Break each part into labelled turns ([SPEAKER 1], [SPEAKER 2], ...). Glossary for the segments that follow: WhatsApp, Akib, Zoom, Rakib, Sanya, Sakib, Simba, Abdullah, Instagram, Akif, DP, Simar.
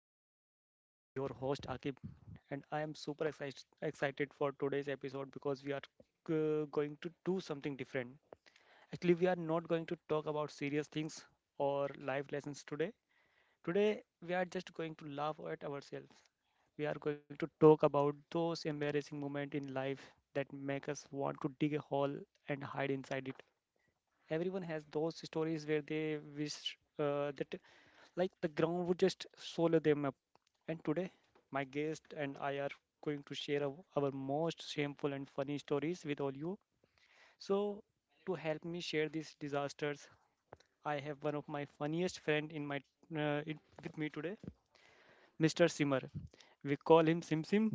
[SPEAKER 1] today. I'm your host, Akib, and I am super excited, for today's episode because we are going to do something different. Actually, we are not going to talk about serious things or life lessons today. Today, we are just going to laugh at ourselves. We are going to talk about those embarrassing moments in life that make us want to dig a hole and hide inside it. Everyone has those stories where they wish, that, like, the ground would just swallow them up. And today my guest and I are going to share our most shameful and funny stories with all you. So to help me share these disasters, I have one of my funniest friend in my, uh, in, with me today, Mr. Simmer. We call him Sim Sim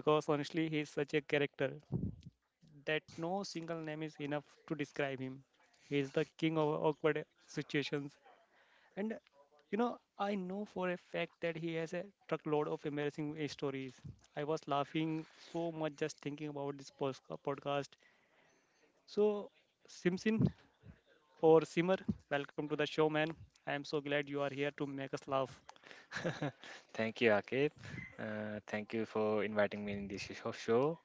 [SPEAKER 1] because honestly he is such a character that no single name is enough to describe him. He is the king of awkward situations. And you know, I know for a fact that he has a truckload of embarrassing stories. I was laughing so much just thinking about this podcast. So, Simsin or Simmer, welcome to the show, man. I am so glad you are here to make us laugh.
[SPEAKER 2] Thank you, Akib. Thank you for inviting me in this show.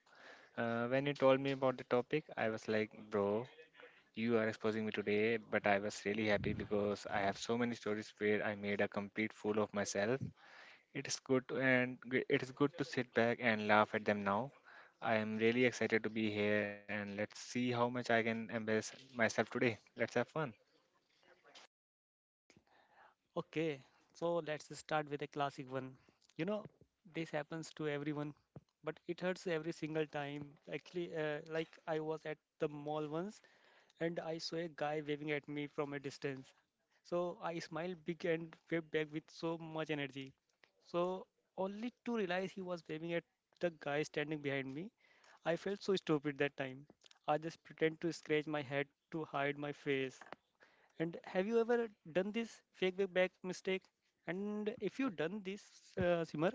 [SPEAKER 2] When you told me about the topic, I was like, bro, you are exposing me today, but I was really happy because I have so many stories where I made a complete fool of myself. It is good to sit back and laugh at them now. I am really excited to be here, and let's see how much I can embarrass myself today. Let's have fun.
[SPEAKER 1] Okay, so let's start with a classic one. You know, this happens to everyone, but it hurts every single time. Actually, like, I was at the mall once and I saw a guy waving at me from a distance. So I smiled big and waved back with so much energy, So only to realize he was waving at the guy standing behind me. I felt so stupid that time. I just pretend to scratch my head to hide my face. And have you ever done this fake way back mistake? And if you done this, Simar,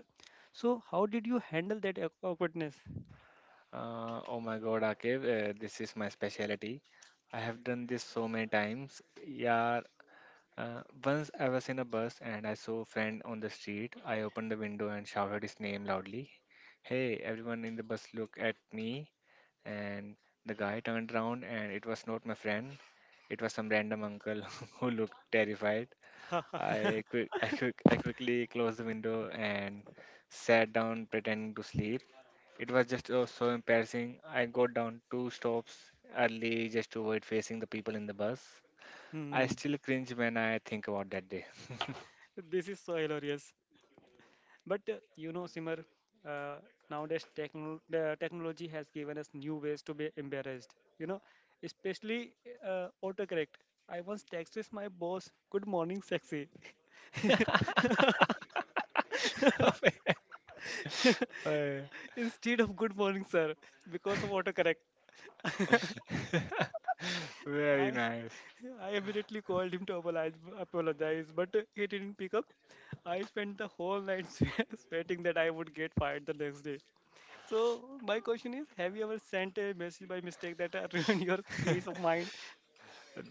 [SPEAKER 1] so how did you handle that awkwardness?
[SPEAKER 2] Oh my god, Akib, this is my specialty. I have done this so many times. Yeah, once I was in a bus and I saw a friend on the street. I opened the window and shouted his name loudly. Hey, everyone in the bus, look at me. And the guy turned around and it was not my friend. It was some random uncle who looked terrified. I quick, I quick, I quickly closed the window and sat down pretending to sleep. It was just oh, so embarrassing. I got down two stops early just to avoid facing the people in the bus. I
[SPEAKER 1] Hmm.
[SPEAKER 2] still cringe when I think about that day.
[SPEAKER 1] This is so hilarious. But you know, Simar, uh, nowadays the technology has given us new ways to be embarrassed. You know, especially autocorrect. I once texted my boss, "Good morning, sexy,"
[SPEAKER 2] Uh,
[SPEAKER 1] instead of "Good morning, sir," because of autocorrect.
[SPEAKER 2] Very
[SPEAKER 1] I
[SPEAKER 2] nice.
[SPEAKER 1] I immediately called him to apologize, but he didn't pick up. I spent the whole night sweating that I would get fired the next day. So my question is, have you ever sent a message by mistake that ruined your peace of mind?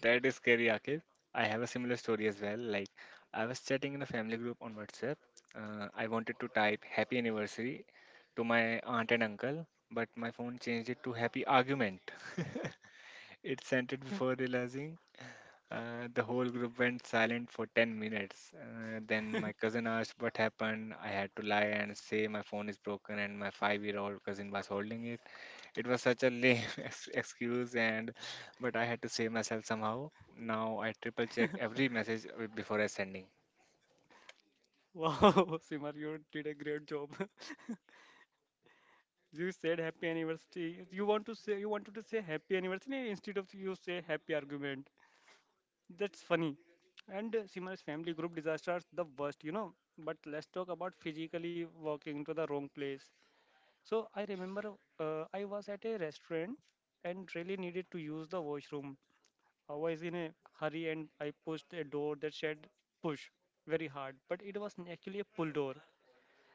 [SPEAKER 2] That is scary, Akib. I have a similar story as well. Like, I was chatting in a family group on WhatsApp. I wanted to type happy anniversary to my aunt and uncle, but my phone changed it to happy argument. It sent it before realizing. The whole group went silent for 10 minutes. Then my cousin asked what happened. I had to lie and say my phone is broken and my five-year-old cousin was holding it. It was such a lame excuse, and but I had to save myself somehow. Now I triple check every message before I sending.
[SPEAKER 1] Wow, Simar, you did a great job. You said happy anniversary. You want to say, you wanted to say happy anniversary instead of you say happy argument. That's funny. And Simar's family group disasters the worst, you know. But let's talk about physically walking to the wrong place. So I remember, I was at a restaurant and really needed to use the washroom. I was in a hurry and I pushed a door that said push very hard, but it was actually a pull door.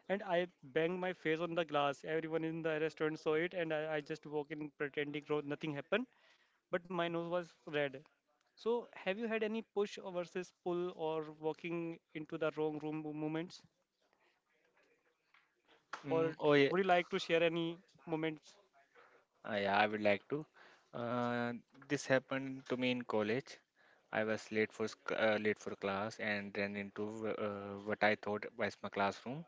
[SPEAKER 1] And I banged my face on the glass. Everyone in the restaurant saw it, and I just walked in pretending nothing happened, but my nose was red. So, have you had any push versus pull or walking into the wrong room moments? Or
[SPEAKER 2] Oh
[SPEAKER 1] would
[SPEAKER 2] yeah,
[SPEAKER 1] you like to share any moments?
[SPEAKER 2] yeah, I would like to. Uh, this happened to me in college. I was late for late for class and ran into what I thought was my classroom.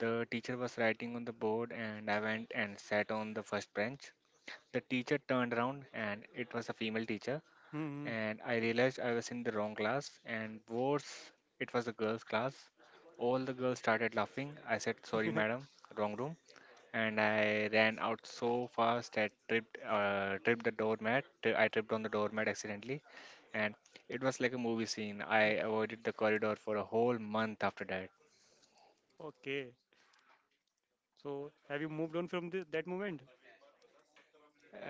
[SPEAKER 2] The teacher was writing on the board, and I went and sat on the first bench. The teacher turned around, and it was a female teacher.
[SPEAKER 1] Hmm.
[SPEAKER 2] And I realized I was in the wrong class, and worse, it was a girls' class. All the girls started laughing. I said, Sorry, madam, wrong room. And I ran out so fast, I tripped on the doormat accidentally, and it was like a movie scene. I avoided the corridor for a whole month after that.
[SPEAKER 1] Okay. So have you moved on from that moment?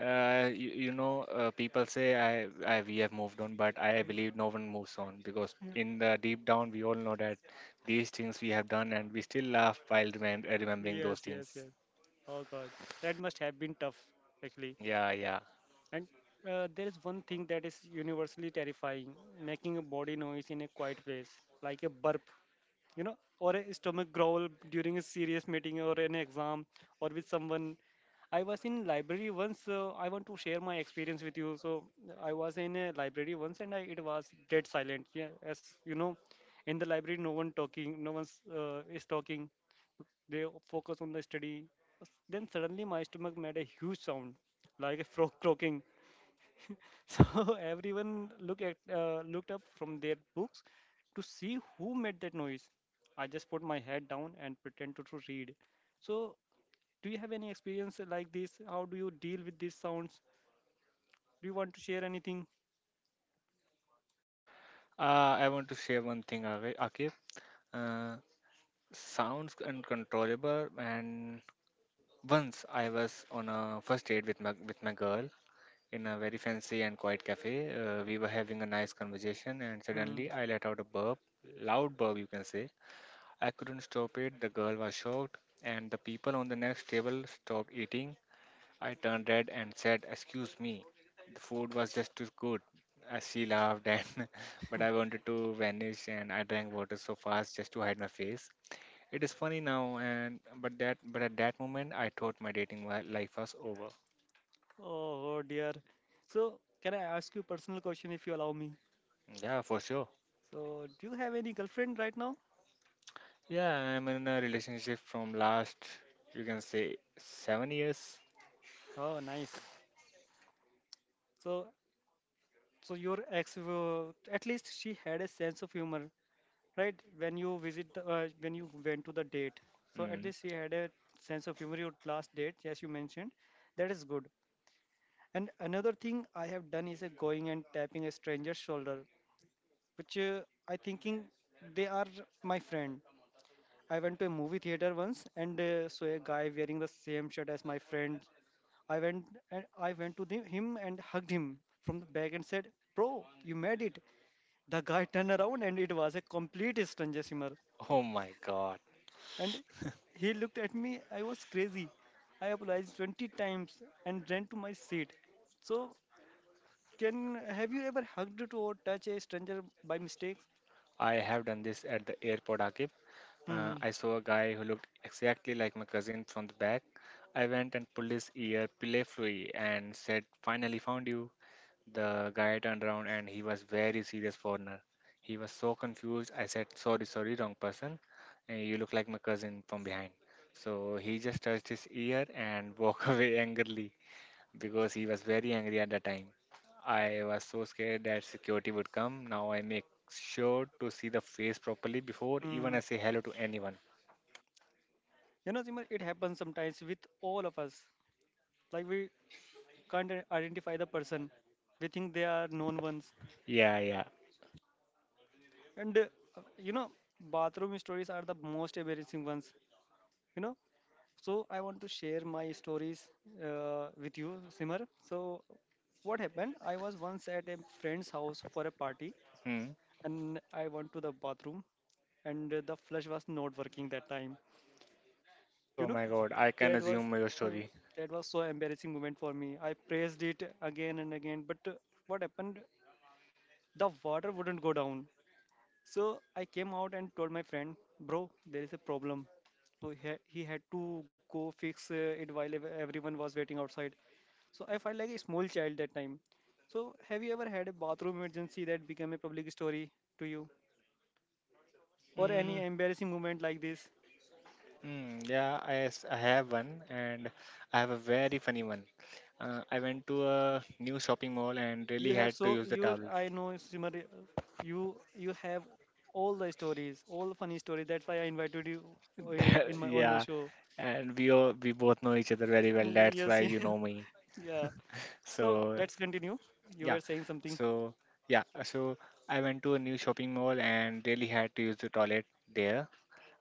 [SPEAKER 2] You know, people say I we have moved on, but I believe no one moves on because
[SPEAKER 1] Yeah.
[SPEAKER 2] in the deep down we all know that these things we have done, and we still laugh while remembering those
[SPEAKER 1] Yes, yes,
[SPEAKER 2] things.
[SPEAKER 1] yes. Oh God, that must have been tough, actually.
[SPEAKER 2] Mm, yeah, yeah.
[SPEAKER 1] And there is one thing that is universally terrifying: making a body noise in a quiet place, like a burp, you know, or a stomach growl during a serious meeting or an exam or with someone. I was in library once. I want to share my experience with you. So I was in a library once, and I, it was dead silent. Yeah, as you know, in the library, no one talking, no one's is talking. They focus on the study. Then suddenly, my stomach made a huge sound, like a frog croaking. So everyone looked up from their books to see who made that noise. I just put my head down and pretend to read. So do you have any experience like this? How do you deal with these sounds? Do you want to share anything?
[SPEAKER 2] I want to share one thing, Akif. Uh, Sounds uncontrollable. And once I was on a first date with my girl in a very fancy and quiet cafe. We were having a nice conversation, and
[SPEAKER 1] Hmm.
[SPEAKER 2] suddenly I let out a burp, loud burp, you can say. I couldn't stop it. The girl was shocked, and the people on the next table stopped eating. I turned red and said, Excuse me, the food was just too good. She laughed, and but I wanted to vanish, and I drank water so fast just to hide my face. It is funny now, and but that but at that moment, I thought my dating life was over.
[SPEAKER 1] Oh, oh dear. So can I ask you a personal question if you allow me?
[SPEAKER 2] Yeah, for sure.
[SPEAKER 1] So do you have any girlfriend right now?
[SPEAKER 2] Yeah, I'm in a relationship from last, you can say, 7 years.
[SPEAKER 1] Oh, nice. So so your ex, at least she had a sense of humor. Right, when you visit the, when you went to the date, so at
[SPEAKER 2] Mm.
[SPEAKER 1] least he had a sense of humor, your last date as you mentioned. That is good. And another thing I have done is, going and tapping a stranger's shoulder, which, I thinking they are my friend. I went to a movie theater once and saw a guy wearing the same shirt as my friend. i went I went to him and hugged him from the back and said, bro, you made it. The guy turned around and it was a complete stranger.
[SPEAKER 2] Oh my God.
[SPEAKER 1] And he looked at me. I was crazy. I apologized 20 times and ran to my seat. So, can, have you ever hugged to or touch a stranger by mistake?
[SPEAKER 2] I have done this at the airport, Akib. Uh,
[SPEAKER 1] Hmm.
[SPEAKER 2] I saw a guy who looked exactly like my cousin from the back. I went and pulled his ear playfully and said, Finally found you. The guy turned around and he was very serious foreigner. He was so confused. I said, Sorry, sorry, wrong person. You look like my cousin from behind. So he just touched his ear and walked away angrily because he was very angry at the time. I was so scared that security would come. Now I make sure to see the face properly before even
[SPEAKER 1] Hmm.
[SPEAKER 2] I say hello to anyone.
[SPEAKER 1] You know, Simar, it happens sometimes with all of us. Like, we can't identify the person. We think they are known ones.
[SPEAKER 2] Yeah, yeah.
[SPEAKER 1] And you know, bathroom stories are the most embarrassing ones. You know, so I want to share my stories with you, Simar. So what happened? I was once at a friend's house for a party,
[SPEAKER 2] Hmm.
[SPEAKER 1] and I went to the bathroom, and the flush was not working that time. You
[SPEAKER 2] Oh
[SPEAKER 1] know,
[SPEAKER 2] my god, I can
[SPEAKER 1] that was,
[SPEAKER 2] assume your
[SPEAKER 1] uh,
[SPEAKER 2] story.
[SPEAKER 1] that was so embarrassing moment for me. I pressed it again and again, but what happened? The water wouldn't go down. So I came out and told my friend, bro, there is a problem. So he had to go fix it while everyone was waiting outside. So I felt like a small child that time. So have you ever had a bathroom emergency that became a public story to you, or any
[SPEAKER 2] Mm,
[SPEAKER 1] embarrassing moment like this?
[SPEAKER 2] yeah, I have one, and I have a very funny one. I went to a new shopping mall and
[SPEAKER 1] You
[SPEAKER 2] really
[SPEAKER 1] have
[SPEAKER 2] had
[SPEAKER 1] so
[SPEAKER 2] to use the
[SPEAKER 1] you,
[SPEAKER 2] towels.
[SPEAKER 1] I know Simar, you have all the stories, all funny stories. That's why I invited you uh, in
[SPEAKER 2] That-
[SPEAKER 1] my on my
[SPEAKER 2] yeah,
[SPEAKER 1] show.
[SPEAKER 2] and we all, we both know each other very well. That's
[SPEAKER 1] Yes,
[SPEAKER 2] why you
[SPEAKER 1] yeah,
[SPEAKER 2] know me.
[SPEAKER 1] yeah. So
[SPEAKER 2] So
[SPEAKER 1] let's continue. You
[SPEAKER 2] yeah.
[SPEAKER 1] were saying something.
[SPEAKER 2] So yeah, so I went to a new shopping mall and really had to use the toilet there.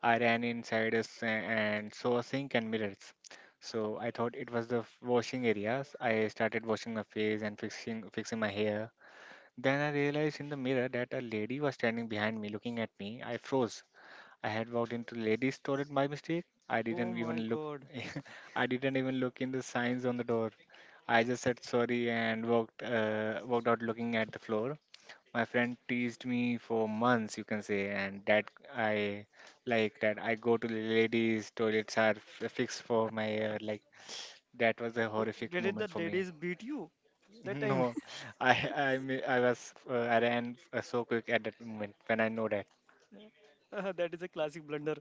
[SPEAKER 2] I ran inside a and saw a sink and mirrors. So I thought it was the washing areas. I started washing my face and fixing my hair. Then I realized in the mirror that a lady was standing behind me looking at me. I froze. I had walked into ladies' toilet by mistake. I
[SPEAKER 1] Oh
[SPEAKER 2] didn't
[SPEAKER 1] my
[SPEAKER 2] even look.
[SPEAKER 1] God!
[SPEAKER 2] I didn't even look in the signs on the door. I just said sorry and walked walked out looking at the floor. My friend teased me for months, you can say, and that I like that I go to the ladies' toilets are f- fixed for my like that was a
[SPEAKER 1] You-
[SPEAKER 2] horrific
[SPEAKER 1] Did it the
[SPEAKER 2] moment for me.
[SPEAKER 1] daddies beat you that time?
[SPEAKER 2] No, I was I ran so quick at that moment when I know that.
[SPEAKER 1] That is a classic blunder.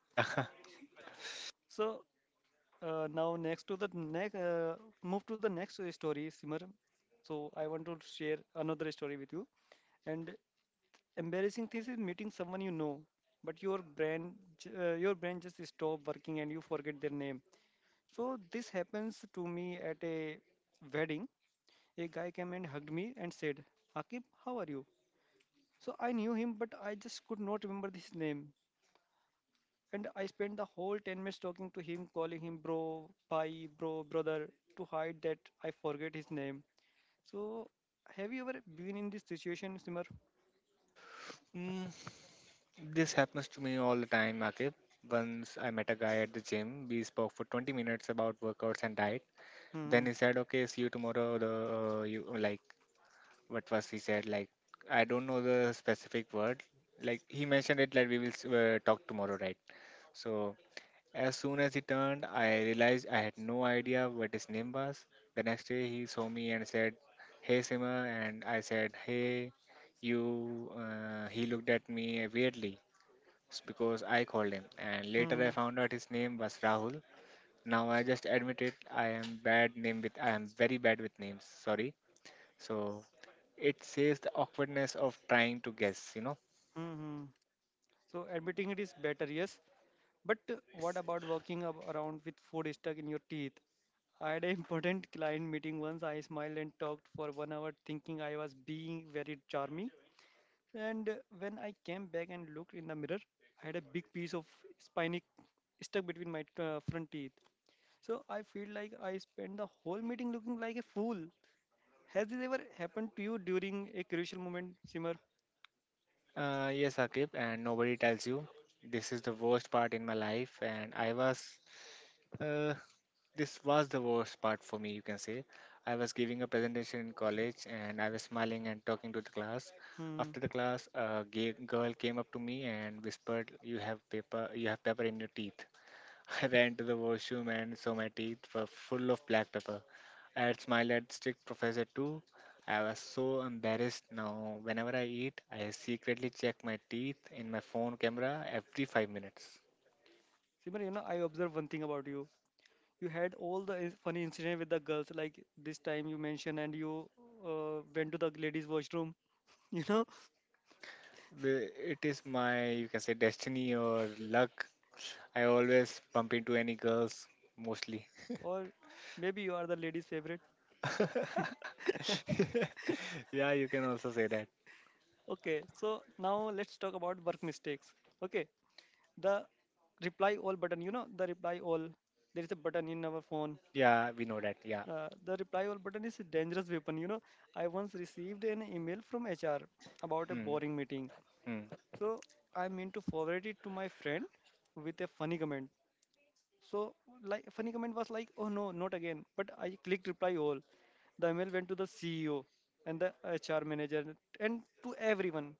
[SPEAKER 2] Yeah.
[SPEAKER 1] So now next to the next, move to the next story, Simar. So I want to share another story with you. And embarrassing thing is meeting someone you know, but your brain, your brain just stop working and you forget their name. So this happens to me at a wedding. A guy came and hugged me and said, "Akib, how are you?" So I knew him, but I just could not remember his name. And I spent the whole 10 minutes talking to him, calling him bro, bye, bro, brother, to hide that I forget his name. So, have you ever been in this situation, Simar?
[SPEAKER 2] Mm, this happens to me all the time, Akib. Once I met a guy at the gym. We spoke for 20 minutes about workouts and diet. Then
[SPEAKER 1] Hmm,
[SPEAKER 2] he said, "Okay, see you tomorrow." The You like what was he said? Like I don't know the specific word. Like he mentioned it like we will talk tomorrow, right? So as soon as he turned, I realized I had no idea what his name was. The next day he saw me and said, "Hey, Sima," and I said, "Hey, you." He looked at me weirdly it's because I called him, and later
[SPEAKER 1] hmm,
[SPEAKER 2] I found out his name was Rahul. Now I just admit it. I am bad name with. I am very bad with names. Sorry. So it says the awkwardness of trying to guess. You know.
[SPEAKER 1] hmm, hmm. So, admitting it is better, yes. But what
[SPEAKER 2] Yes.
[SPEAKER 1] about walking around with food stuck in your teeth? I had an important client meeting once. I smiled and talked for 1 hour, thinking I was being very charming. And when I came back and looked in the mirror, I had a big piece of spiny stuck between my front teeth. So I feel like I spent the whole meeting looking like a fool. Has this ever happened to you during a crucial moment, Simar?
[SPEAKER 2] Yes, Akib, and nobody tells you. This is the worst part in my life, and I was. Uh, This was the worst part for me, you can say. I was giving a presentation in college and I was smiling and talking to the class.
[SPEAKER 1] Hmm.
[SPEAKER 2] After the class, a gay girl came up to me and whispered, "You have paper, you have pepper in your teeth." I ran to the washroom and saw my teeth were full of black pepper. I had smiled at strict professor too. I was so embarrassed now. Whenever I eat, I secretly check my teeth in my phone camera every 5 minutes.
[SPEAKER 1] Simar, you know, I observed one thing about you. You had all the funny incident with the girls, like this time you mentioned, and you went to the ladies' washroom, you know,
[SPEAKER 2] The- It is my, you can say, destiny or luck. I always bump into any girls mostly.
[SPEAKER 1] or maybe you are the ladies' favorite.
[SPEAKER 2] Yeah, you can also say that.
[SPEAKER 1] Okay, so now let's talk about work mistakes. Okay, the reply all button, you know, the reply all. There is a button in our phone.
[SPEAKER 2] Yeah, we know that. Yeah.
[SPEAKER 1] The reply all button is a dangerous weapon. You know, I once received an email from HR about a
[SPEAKER 2] Mm,
[SPEAKER 1] boring meeting.
[SPEAKER 2] mm.
[SPEAKER 1] So I meant to forward it to my friend with a funny comment. So like funny comment was like, oh no, not again. But I clicked reply all. The email went to the CEO and the HR manager and to everyone.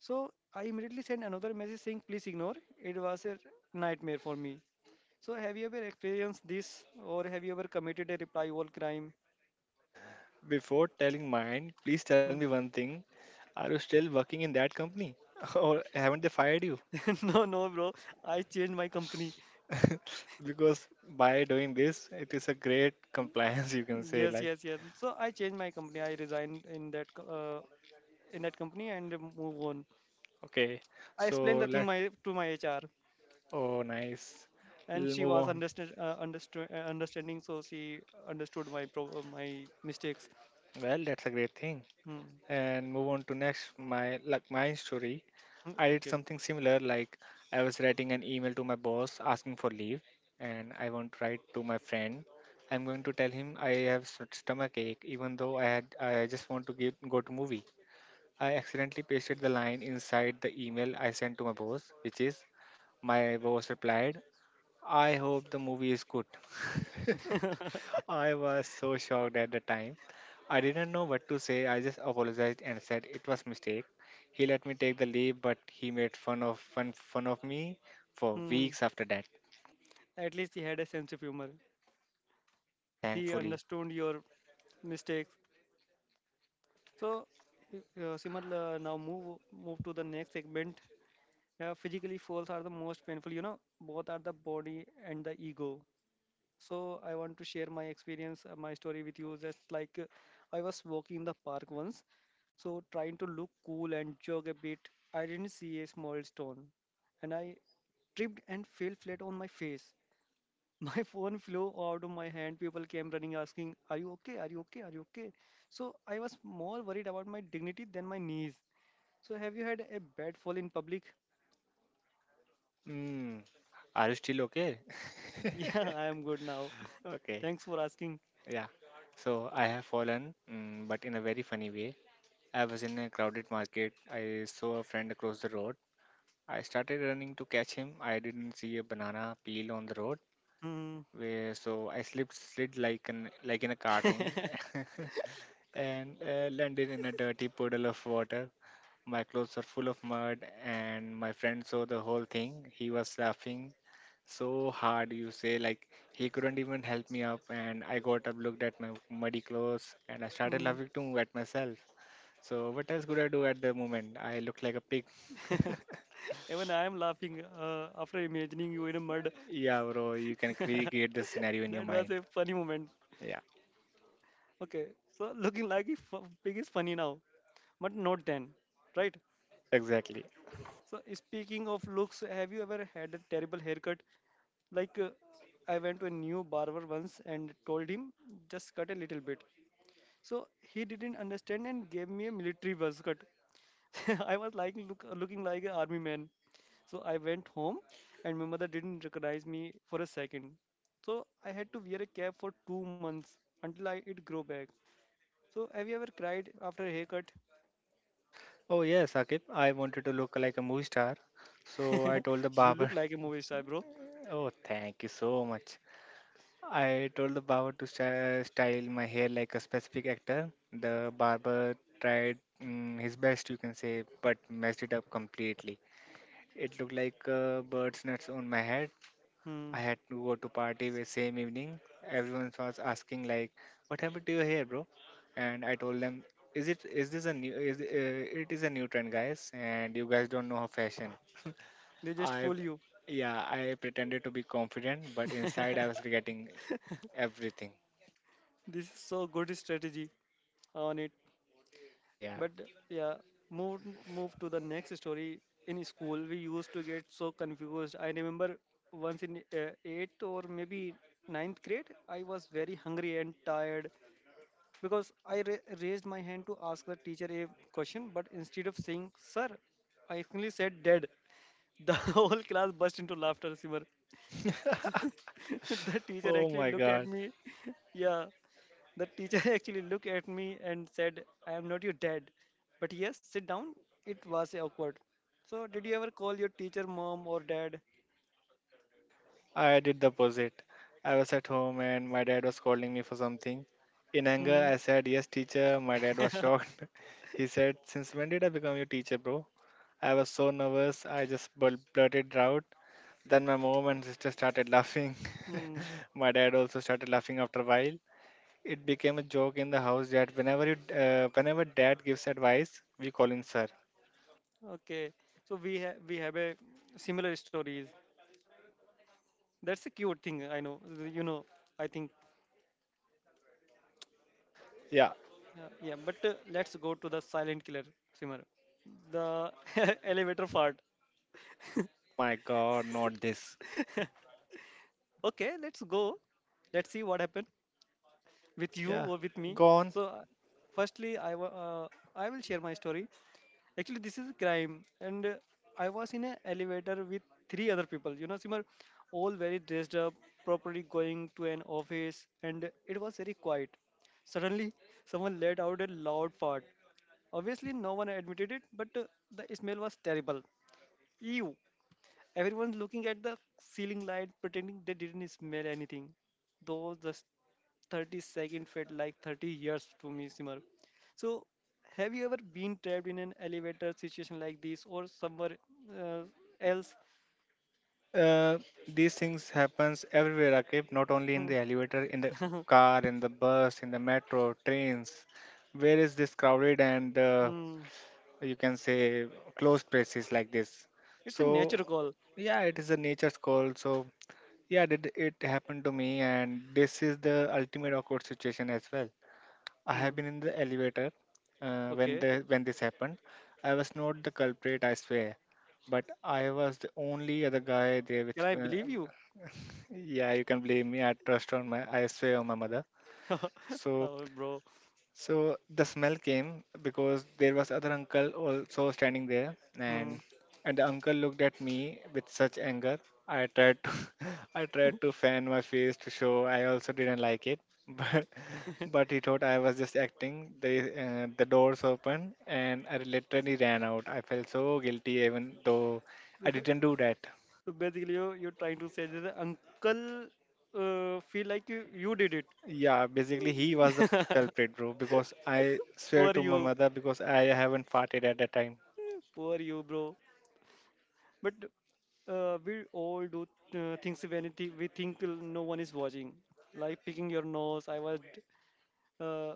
[SPEAKER 1] So I immediately sent another message saying, please ignore. It was a nightmare for me. So have you ever experienced this or have you ever committed a reply all crime?
[SPEAKER 2] Before telling mine, please tell me
[SPEAKER 1] Hmm.
[SPEAKER 2] one thing. Are you still working in that company? Or haven't they fired you?
[SPEAKER 1] No, no, bro. I changed my company.
[SPEAKER 2] Because by doing this, it is a great compliance, you can say.
[SPEAKER 1] Yes,
[SPEAKER 2] Like,
[SPEAKER 1] yes, yes. So I changed my company. I resigned in that in that company and move on.
[SPEAKER 2] okay,
[SPEAKER 1] I explained
[SPEAKER 2] so
[SPEAKER 1] the thing
[SPEAKER 2] let.
[SPEAKER 1] my to my HR,
[SPEAKER 2] Oh, nice.
[SPEAKER 1] and
[SPEAKER 2] We'll
[SPEAKER 1] she
[SPEAKER 2] move
[SPEAKER 1] was
[SPEAKER 2] on.
[SPEAKER 1] understanding. So she understood my my mistakes.
[SPEAKER 2] Well, that's a great thing.
[SPEAKER 1] Hmm.
[SPEAKER 2] And move on to next my like my story.
[SPEAKER 1] Hmm,
[SPEAKER 2] I did
[SPEAKER 1] okay.
[SPEAKER 2] something similar like I was writing an email to my boss asking for leave and I want to write to my friend. I'm going to tell him I have stomach ache even though I had I just want to get, go to movie. I accidentally pasted the line inside the email I sent to my boss which is my boss replied, I hope the movie is good. I was so shocked at the time. I didn't know what to say. I just apologized and said it was mistake. He let me take the leave, but he made fun of me for
[SPEAKER 1] Hmm.
[SPEAKER 2] weeks after that.
[SPEAKER 1] At least he had a sense of humor. He
[SPEAKER 2] Thankfully.
[SPEAKER 1] understood your mistakes. So, Simal, now move to the next segment. Yeah, physically falls are the most painful. You know, both are the body and the ego. So I want to share my experience, my story with you. Just like I was walking in the park once, so trying to look cool and jog a bit, I didn't see a small stone, and I tripped and fell flat on my face. My phone flew out of my hand. People came running, asking, "Are you okay? Are you okay? Are you okay?" So I was more worried about my dignity than my knees. So have you had a bad fall in public?
[SPEAKER 2] Mm, are you still okay?
[SPEAKER 1] Yeah, I am good now.
[SPEAKER 2] Okay.
[SPEAKER 1] Thanks for asking.
[SPEAKER 2] Yeah. So I have fallen, mm, but in a very funny way. I was in a crowded market. I saw a friend across the road. I started running to catch him. I didn't see a banana peel on the road.
[SPEAKER 1] Mm,
[SPEAKER 2] Where so I slipped slid like an like in a cartoon and landed in a dirty puddle of water. My clothes are full of mud, and my friend saw the whole thing. He was laughing so hard, you say, like he couldn't even help me up. And I got up, looked at my muddy clothes, and I started
[SPEAKER 1] mm.
[SPEAKER 2] laughing too at myself. So, what else could I do at the moment? I looked like a pig.
[SPEAKER 1] Even I am laughing after imagining you in a mud.
[SPEAKER 2] yeah, bro, you can recreate the scenario in your
[SPEAKER 1] That was
[SPEAKER 2] mind.
[SPEAKER 1] a funny moment.
[SPEAKER 2] Yeah,
[SPEAKER 1] Okay, so looking like a f- pig is funny now, but not then, right?
[SPEAKER 2] exactly.
[SPEAKER 1] So speaking of looks, have you ever had a terrible haircut? Like I went to a new barber once and told him just cut a little bit. So he didn't understand and gave me a military buzz cut. I was like looking like an army man. So I went home, and my mother didn't recognize me for a second. So I had to wear a cap for two months until I it grow back. So have you ever cried after a haircut?
[SPEAKER 2] Oh yes, Akib. I wanted to look like a movie star, so I told the
[SPEAKER 1] You look
[SPEAKER 2] barber.
[SPEAKER 1] like a movie star, bro.
[SPEAKER 2] Oh, thank you so much. I told the barber to style my hair like a specific actor. The barber tried his best, you can say, but messed it up completely. It looked like bird's nuts on my head.
[SPEAKER 1] Hmm.
[SPEAKER 2] I had to go to party the same evening. Everyone was asking like, "What happened to your hair, bro?" And I told them, "Is it is this a new is it is a new trend, guys? And you guys don't know how fashion."
[SPEAKER 1] They just
[SPEAKER 2] I,
[SPEAKER 1] fool you.
[SPEAKER 2] yeah, I pretended to be confident, but inside I was regretting everything.
[SPEAKER 1] This is so good strategy on it.
[SPEAKER 2] Yeah, yeah.
[SPEAKER 1] But yeah, move move to the next story. In school, we used to get so confused. I remember once in eighth or maybe ninth grade, I was very hungry and tired, because I raised my hand to ask the teacher a question, but instead of saying, Sir, I only said dead, the whole class burst into laughter, Simar. So the teacher
[SPEAKER 2] Oh
[SPEAKER 1] actually
[SPEAKER 2] my
[SPEAKER 1] looked at
[SPEAKER 2] God,
[SPEAKER 1] me. Yeah, the teacher actually looked at me and said, I am not your dad. But yes, sit down. It was awkward. So, did you ever call your teacher mom or dad?
[SPEAKER 2] I did the opposite. I was at home and my dad was calling me for something. In
[SPEAKER 1] Hmm.
[SPEAKER 2] anger, I said, "Yes, teacher." My dad was shocked. He said, "Since when did I become your teacher, bro?" I was so nervous, I just blurted it out. Then my mom and sister started laughing.
[SPEAKER 1] Hmm.
[SPEAKER 2] my dad also started laughing after a while. It became a joke in the house that whenever dad gives advice, we call him sir.
[SPEAKER 1] Okay. So we have a similar stories. That's a cute thing. I know. You know. I think.
[SPEAKER 2] Yeah.
[SPEAKER 1] Yeah. But let's go to the silent killer, Simmer. The elevator fart.
[SPEAKER 2] Oh my God, not this.
[SPEAKER 1] Okay. Let's go. Let's see what happened with you
[SPEAKER 2] Yeah.
[SPEAKER 1] or with me.
[SPEAKER 2] Gone.
[SPEAKER 1] So, firstly, I I will share my story. Actually, this is crime. And I was in an elevator with three other people. You know, Simar, all very dressed up, properly going to an office, and it was very quiet. Suddenly, someone let out a loud fart. Obviously, no one admitted it, but the smell was terrible. Ew! Everyone's looking at the ceiling light, pretending they didn't smell anything. Though the 30-second felt like 30 years to me, Simar. So, have you ever been trapped in an elevator situation like this or somewhere uh, else?
[SPEAKER 2] Uh, these things happens everywhere, Akib. Not only in
[SPEAKER 1] Hmm.
[SPEAKER 2] the elevator, in the car, in the bus, in the metro, trains. Where is this crowded and
[SPEAKER 1] Hmm.
[SPEAKER 2] you can say closed places like this,
[SPEAKER 1] It's a
[SPEAKER 2] so
[SPEAKER 1] nature call.
[SPEAKER 2] yeah, it is a nature's call. So yeah, did it happened to me, and this is the ultimate awkward situation as well. I have
[SPEAKER 1] Hmm.
[SPEAKER 2] been in the elevator when
[SPEAKER 1] Okay.
[SPEAKER 2] the when this happened. I was not the culprit, I swear, but I was the only other guy there
[SPEAKER 1] Can
[SPEAKER 2] with
[SPEAKER 1] I believe you?
[SPEAKER 2] yeah, you can blame me. I swear on my mother. So,
[SPEAKER 1] Oh, bro.
[SPEAKER 2] so the smell came because there was other uncle also standing there,
[SPEAKER 1] Hmm.
[SPEAKER 2] and the uncle looked at me with such anger. I tried to, I tried to fan my face to show I also didn't like it, but he thought I was just acting. The doors opened and I literally ran out. I felt so guilty even though I
[SPEAKER 1] So
[SPEAKER 2] didn't do that.
[SPEAKER 1] basically, you're trying to say that the uncle feel like you did
[SPEAKER 2] Yeah, basically he was the
[SPEAKER 1] it.
[SPEAKER 2] culprit, bro, because I swear
[SPEAKER 1] For
[SPEAKER 2] to my
[SPEAKER 1] you.
[SPEAKER 2] mother, because I haven't farted at that time.
[SPEAKER 1] Poor you, bro. But we all do things when we think no one is watching, like picking your nose. I was, uh,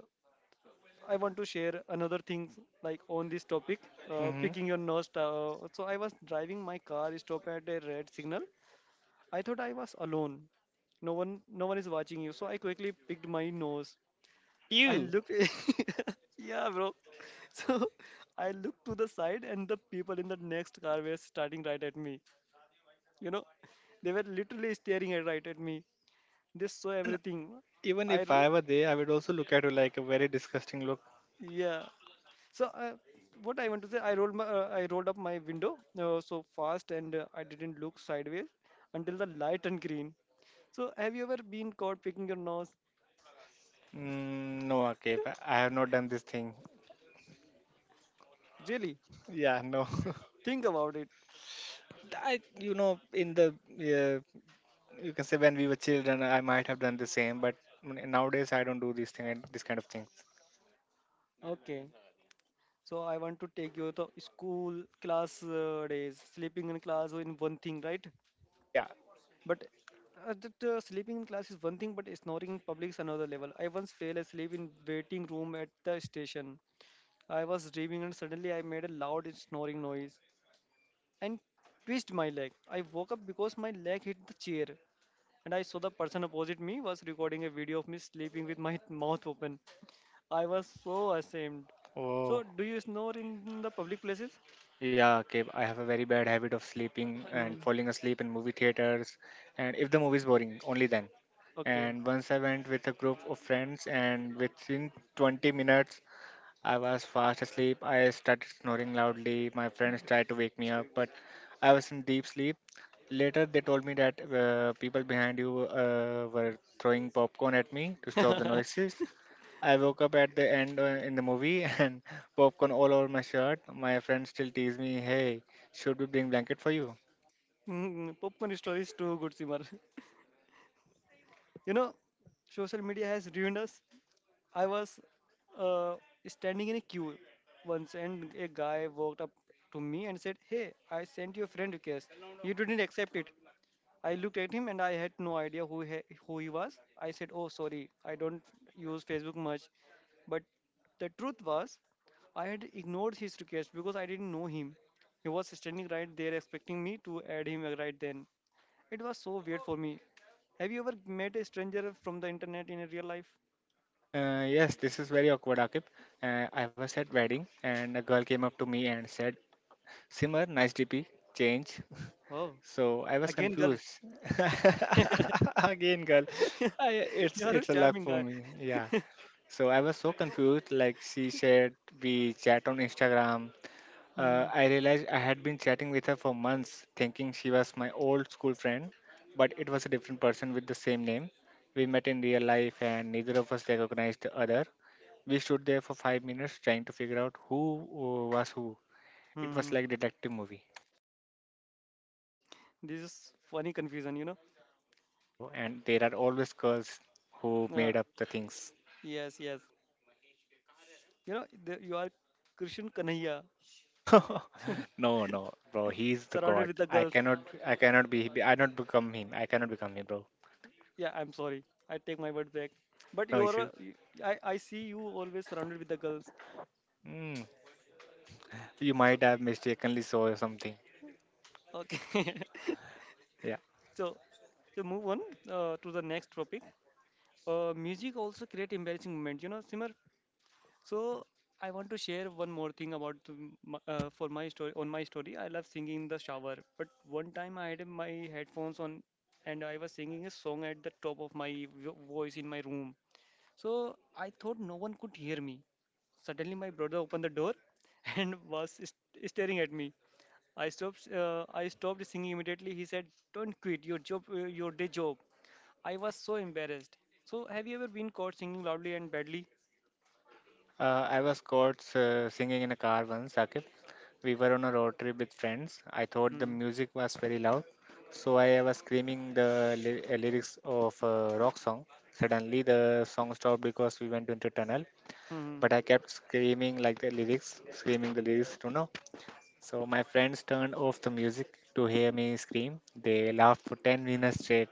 [SPEAKER 1] I want to share another thing like on this topic,
[SPEAKER 2] Mm-hmm.
[SPEAKER 1] picking your nose. So I was driving my car, stopped at a red signal. I thought I was alone. No one is watching you. So I quickly picked my nose. I
[SPEAKER 2] You
[SPEAKER 1] looked, yeah, bro. So I looked to the side, and the people in the next car were starting right at me. You know, they were literally staring at, right at me. They saw
[SPEAKER 2] even
[SPEAKER 1] everything.
[SPEAKER 2] Even
[SPEAKER 1] i
[SPEAKER 2] if
[SPEAKER 1] ro-
[SPEAKER 2] I were there, I would also look at you like a very disgusting look.
[SPEAKER 1] yeah. So what I want to say, I rolled my I rolled up my window so fast, and I didn't look sideways until the light turned green. So have you ever been caught picking your nose?
[SPEAKER 2] Mm, no, okay, I have not done this thing.
[SPEAKER 1] Really.
[SPEAKER 2] Yeah, no.
[SPEAKER 1] Think about it.
[SPEAKER 2] I, you know, in the you can say when we were children, I might have done the same, but nowadays I don't do these thing, this kind of things.
[SPEAKER 1] Okay, so I want to take you to school class days. Sleeping in class in one thing, right?
[SPEAKER 2] Yeah.
[SPEAKER 1] But that, sleeping in class is one thing, but snoring in public is another level. I once fell asleep in waiting room at the station. I was dreaming and suddenly I made a loud snoring noise and twisted my leg. I woke up because my leg hit the chair and I saw the person opposite me was recording a video of me sleeping with my mouth open. I was so ashamed. So,
[SPEAKER 2] Oh.
[SPEAKER 1] do you snore in the public places?
[SPEAKER 2] Yeah, okay. I have a very bad habit of sleeping and
[SPEAKER 1] Hmm.
[SPEAKER 2] falling asleep in movie theaters, and if the movie is boring, only then.
[SPEAKER 1] Okay.
[SPEAKER 2] And once I went with a group of friends, and within 20 minutes, I was fast asleep. I started snoring loudly. My friends tried to wake me up, but I was in deep sleep. Later, they told me that people behind you were throwing popcorn at me to stop the noises. I woke up at the end in the movie and popcorn all over my shirt. My friends still tease me, "Hey, should we bring blanket for you?"
[SPEAKER 1] Hmm, popcorn story is too good, Simar. You know, social media has ruined us. I was uh, standing in a queue once, and a guy walked up to me and said, "Hey, I sent you a friend request. You didn't accept it." I looked at him, and I had no idea who he was. I said, "Oh, sorry. I don't use Facebook much." But the truth was, I had ignored his request because I didn't know him. He was standing right there expecting me to add him right then. It was so weird for me. Have you ever met a stranger from the internet in a real life?
[SPEAKER 2] Yes, this is very awkward, Akib. I was at wedding and a girl came up to me and said, "Simar, nice DP, change."
[SPEAKER 1] Oh,
[SPEAKER 2] So I was
[SPEAKER 1] again, girl.
[SPEAKER 2] confused. Again, girl, it's
[SPEAKER 1] You're a
[SPEAKER 2] a luck
[SPEAKER 1] charming
[SPEAKER 2] for
[SPEAKER 1] guy.
[SPEAKER 2] me. Yeah. So I was so confused. Like she said, we chat on Instagram.
[SPEAKER 1] Hmm.
[SPEAKER 2] I realized I had been chatting with her for months, thinking she was my old school friend, but it was a different person with the same name. We met in real life, and neither of us recognized the other. We stood there for 5 minutes trying to figure out who was who. It was
[SPEAKER 1] Hmm.
[SPEAKER 2] like detective movie.
[SPEAKER 1] This is funny confusion, you know?
[SPEAKER 2] Bro. And there are always girls who
[SPEAKER 1] Uh,
[SPEAKER 2] made up the things.
[SPEAKER 1] yes, yes. You know, you are Krishan Kanhaiya,
[SPEAKER 2] no, no, bro. He's the
[SPEAKER 1] surrounded
[SPEAKER 2] god.
[SPEAKER 1] with the girls.
[SPEAKER 2] I cannot be, I not become him. I cannot become him, bro.
[SPEAKER 1] Yeah, I'm sorry. I take my word back. But
[SPEAKER 2] No
[SPEAKER 1] you are,
[SPEAKER 2] issue.
[SPEAKER 1] I see you always surrounded with the girls.
[SPEAKER 2] Mm. You might
[SPEAKER 1] So,
[SPEAKER 2] have mistakenly saw something.
[SPEAKER 1] okay.
[SPEAKER 2] Yeah.
[SPEAKER 1] So, so move on to the next topic. Music also create embarrassing moment. You know, Simar, so I want to share one more thing about for my story on my story. I love singing in the shower, but one time I had my headphones on and I was singing a song at the top of my voice in my room. So I thought no one could hear me. Suddenly my brother opened the door and was staring at me. I stopped. I stopped singing immediately. He said, "Don't quit your job, your day job." I was so embarrassed. So have you ever been caught singing loudly and badly?
[SPEAKER 2] I was caught singing in a car once, Sakib. We were on a road trip with friends. I thought the
[SPEAKER 1] Mm-hmm.
[SPEAKER 2] music was very loud, so I was screaming the lyrics of a rock song. Suddenly, the song stopped because we went into tunnel. But I kept screaming like the lyrics, screaming the lyrics, you know. So my friends turned off the music to hear me scream. They laughed for 10 minutes straight.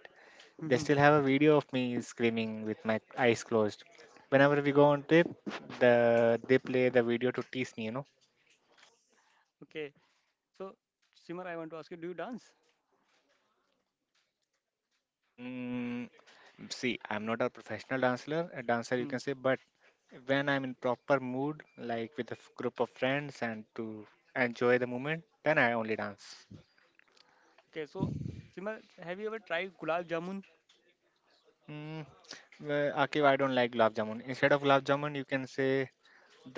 [SPEAKER 2] They
[SPEAKER 1] Mm-hmm.
[SPEAKER 2] still have a video of me screaming with my eyes closed. Whenever we go on trip, they play the video to tease me, you know.
[SPEAKER 1] Okay. So, Simar, I want to ask you, do you dance?
[SPEAKER 2] Mm, see, I'm not a professional dancer, a dancer you can
[SPEAKER 1] Hmm.
[SPEAKER 2] say, but when I'm in proper mood, like with a group of friends and to enjoy the moment, then I only dance.
[SPEAKER 1] Okay, so Simar, have you ever tried gulab jamun?
[SPEAKER 2] Mm, well, Akif, I don't like gulab jamun. Instead of gulab jamun, you can say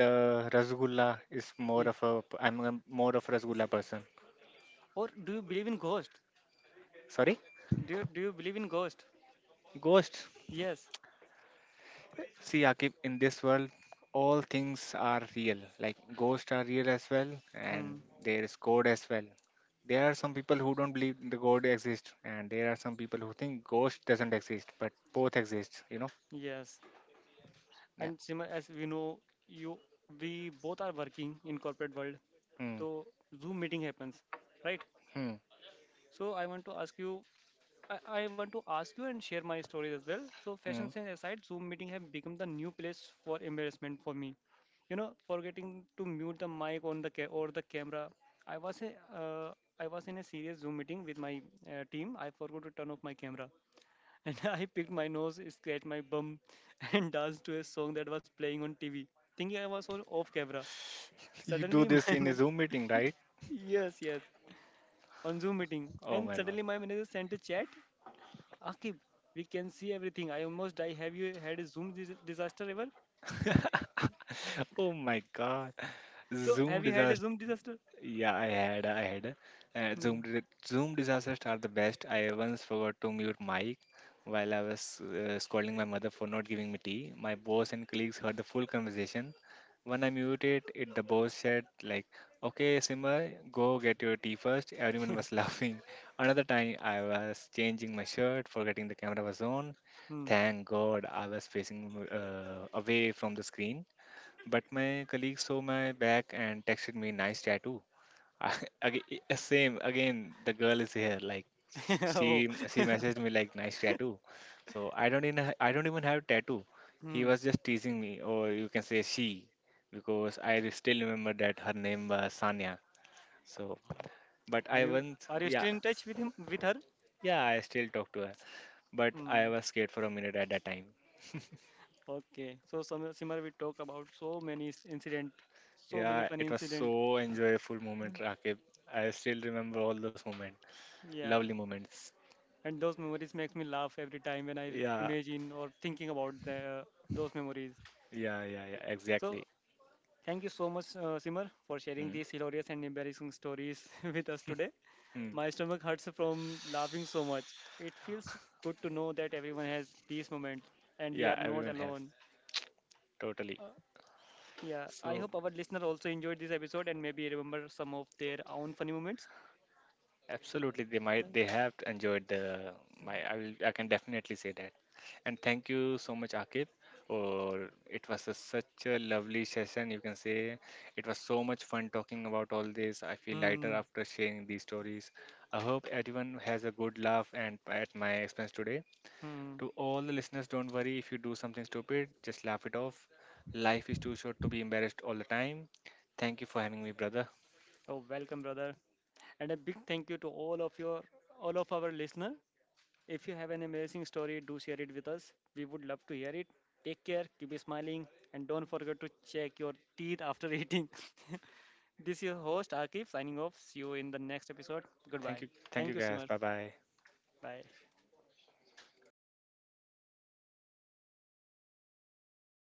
[SPEAKER 2] the rasgulla is more
[SPEAKER 1] Yeah.
[SPEAKER 2] of a. I'm a, more of a rasgulla person.
[SPEAKER 1] Or do you believe in ghost?
[SPEAKER 2] Sorry,
[SPEAKER 1] Do you believe in ghost?
[SPEAKER 2] ghosts.
[SPEAKER 1] Yes.
[SPEAKER 2] See, Akif, in this world, all things are real. Like ghosts are real as well,
[SPEAKER 1] Hmm.
[SPEAKER 2] and there is God as well. There are some people who don't believe the God exists, and there are some people who think ghost doesn't exist, but both exist. You know?
[SPEAKER 1] Yes.
[SPEAKER 2] Yeah.
[SPEAKER 1] And Simar, as we know, you we both are working in corporate world,
[SPEAKER 2] Mm,
[SPEAKER 1] so Zoom meeting happens, right?
[SPEAKER 2] mm,
[SPEAKER 1] So I want to ask you, I want to ask you and share my stories as well. So, fashion
[SPEAKER 2] mm.
[SPEAKER 1] sense aside, Zoom meeting have become the new place for embarrassment for me. You know, forgetting to mute the mic on the or the camera. I was uh, I was in a serious Zoom meeting with my team. I forgot to turn off my camera, and I picked my nose, scratched my bum, and danced to a song that was playing on TV, thinking I was on off camera.
[SPEAKER 2] You do
[SPEAKER 1] Suddenly,
[SPEAKER 2] this in a Zoom meeting, right?
[SPEAKER 1] yes, yes, on Zoom meeting,
[SPEAKER 2] Oh
[SPEAKER 1] and
[SPEAKER 2] my God.
[SPEAKER 1] suddenly my manager sent a chat. Akib, we can see everything. I almost die. Have you had a Zoom disaster ever?
[SPEAKER 2] Oh my God.
[SPEAKER 1] So,
[SPEAKER 2] Zoom
[SPEAKER 1] have you had a
[SPEAKER 2] disaster.
[SPEAKER 1] Zoom disaster?
[SPEAKER 2] Yeah, I had.
[SPEAKER 1] Hmm.
[SPEAKER 2] Zoom disasters are the best. I once forgot to mute mic while I was scolding my mother for not giving me tea. My boss and colleagues heard the full conversation. When I muted it, the boss said like, "Okay, Simba, go get your tea first." Everyone was laughing. Another time, I was changing my shirt, forgetting the camera was on.
[SPEAKER 1] Hmm.
[SPEAKER 2] Thank God, I was facing away from the screen. But my colleague saw my back and texted me, "Nice tattoo." Same again. The girl is here. Like
[SPEAKER 1] Oh.
[SPEAKER 2] she messaged me like nice tattoo. So I don't even I don't even have tattoo. He
[SPEAKER 1] Hmm.
[SPEAKER 2] was just teasing me, or you can say she, because I still remember that her name was Sanya. So, but
[SPEAKER 1] Are
[SPEAKER 2] I
[SPEAKER 1] you
[SPEAKER 2] once
[SPEAKER 1] are you
[SPEAKER 2] yeah,
[SPEAKER 1] still in touch with him with her?
[SPEAKER 2] yeah, I still talk to her. But I
[SPEAKER 1] Hmm.
[SPEAKER 2] was scared for a minute at that time.
[SPEAKER 1] Okay. So, some Simar, we talked about so many incident, so many
[SPEAKER 2] Yeah,
[SPEAKER 1] funny
[SPEAKER 2] it was
[SPEAKER 1] incident.
[SPEAKER 2] so enjoyable
[SPEAKER 1] Mm.
[SPEAKER 2] moment, Rakib. I still remember all those moments,
[SPEAKER 1] Yeah.
[SPEAKER 2] lovely moments.
[SPEAKER 1] And those memories makes me laugh every time when I
[SPEAKER 2] Yeah
[SPEAKER 1] imagine or thinking about those memories.
[SPEAKER 2] yeah,
[SPEAKER 1] So
[SPEAKER 2] exactly.
[SPEAKER 1] thank you so much, Simar, for sharing these hilarious and embarrassing stories with us today.
[SPEAKER 2] Mm.
[SPEAKER 1] My stomach hurts from laughing so much. It feels good to know that everyone has these moments and we
[SPEAKER 2] Yeah,
[SPEAKER 1] are not
[SPEAKER 2] everyone has
[SPEAKER 1] alone.
[SPEAKER 2] totally.
[SPEAKER 1] Uh, yeah, I
[SPEAKER 2] So
[SPEAKER 1] hope our listener also enjoyed this episode and maybe remember some of their own funny moments.
[SPEAKER 2] absolutely,
[SPEAKER 1] Yeah.
[SPEAKER 2] they have enjoyed the my. I can definitely say that. And thank you so much, Akib. Or it was a, such a lovely session. You can say it was so much fun talking about all this. I feel lighter
[SPEAKER 1] Hmm.
[SPEAKER 2] after sharing these stories. I hope everyone has a good laugh and at my expense today.
[SPEAKER 1] Hmm.
[SPEAKER 2] To all the listeners, don't worry if you do something stupid. Just laugh it off. Life is too short to be embarrassed all the time. Thank you for having me, brother.
[SPEAKER 1] Oh, welcome, brother, and a big thank you to all of our listener. If you have an amazing story, do share it with us. We would love to hear it. Take care, keep smiling, and don't forget to check your teeth after eating. This is your host, Akif, signing off. See you in the next episode. Goodbye.
[SPEAKER 2] Thank you. Thank
[SPEAKER 1] Thank
[SPEAKER 2] you
[SPEAKER 1] you,
[SPEAKER 2] guys.
[SPEAKER 1] Simar.
[SPEAKER 2] Bye bye.
[SPEAKER 1] Bye.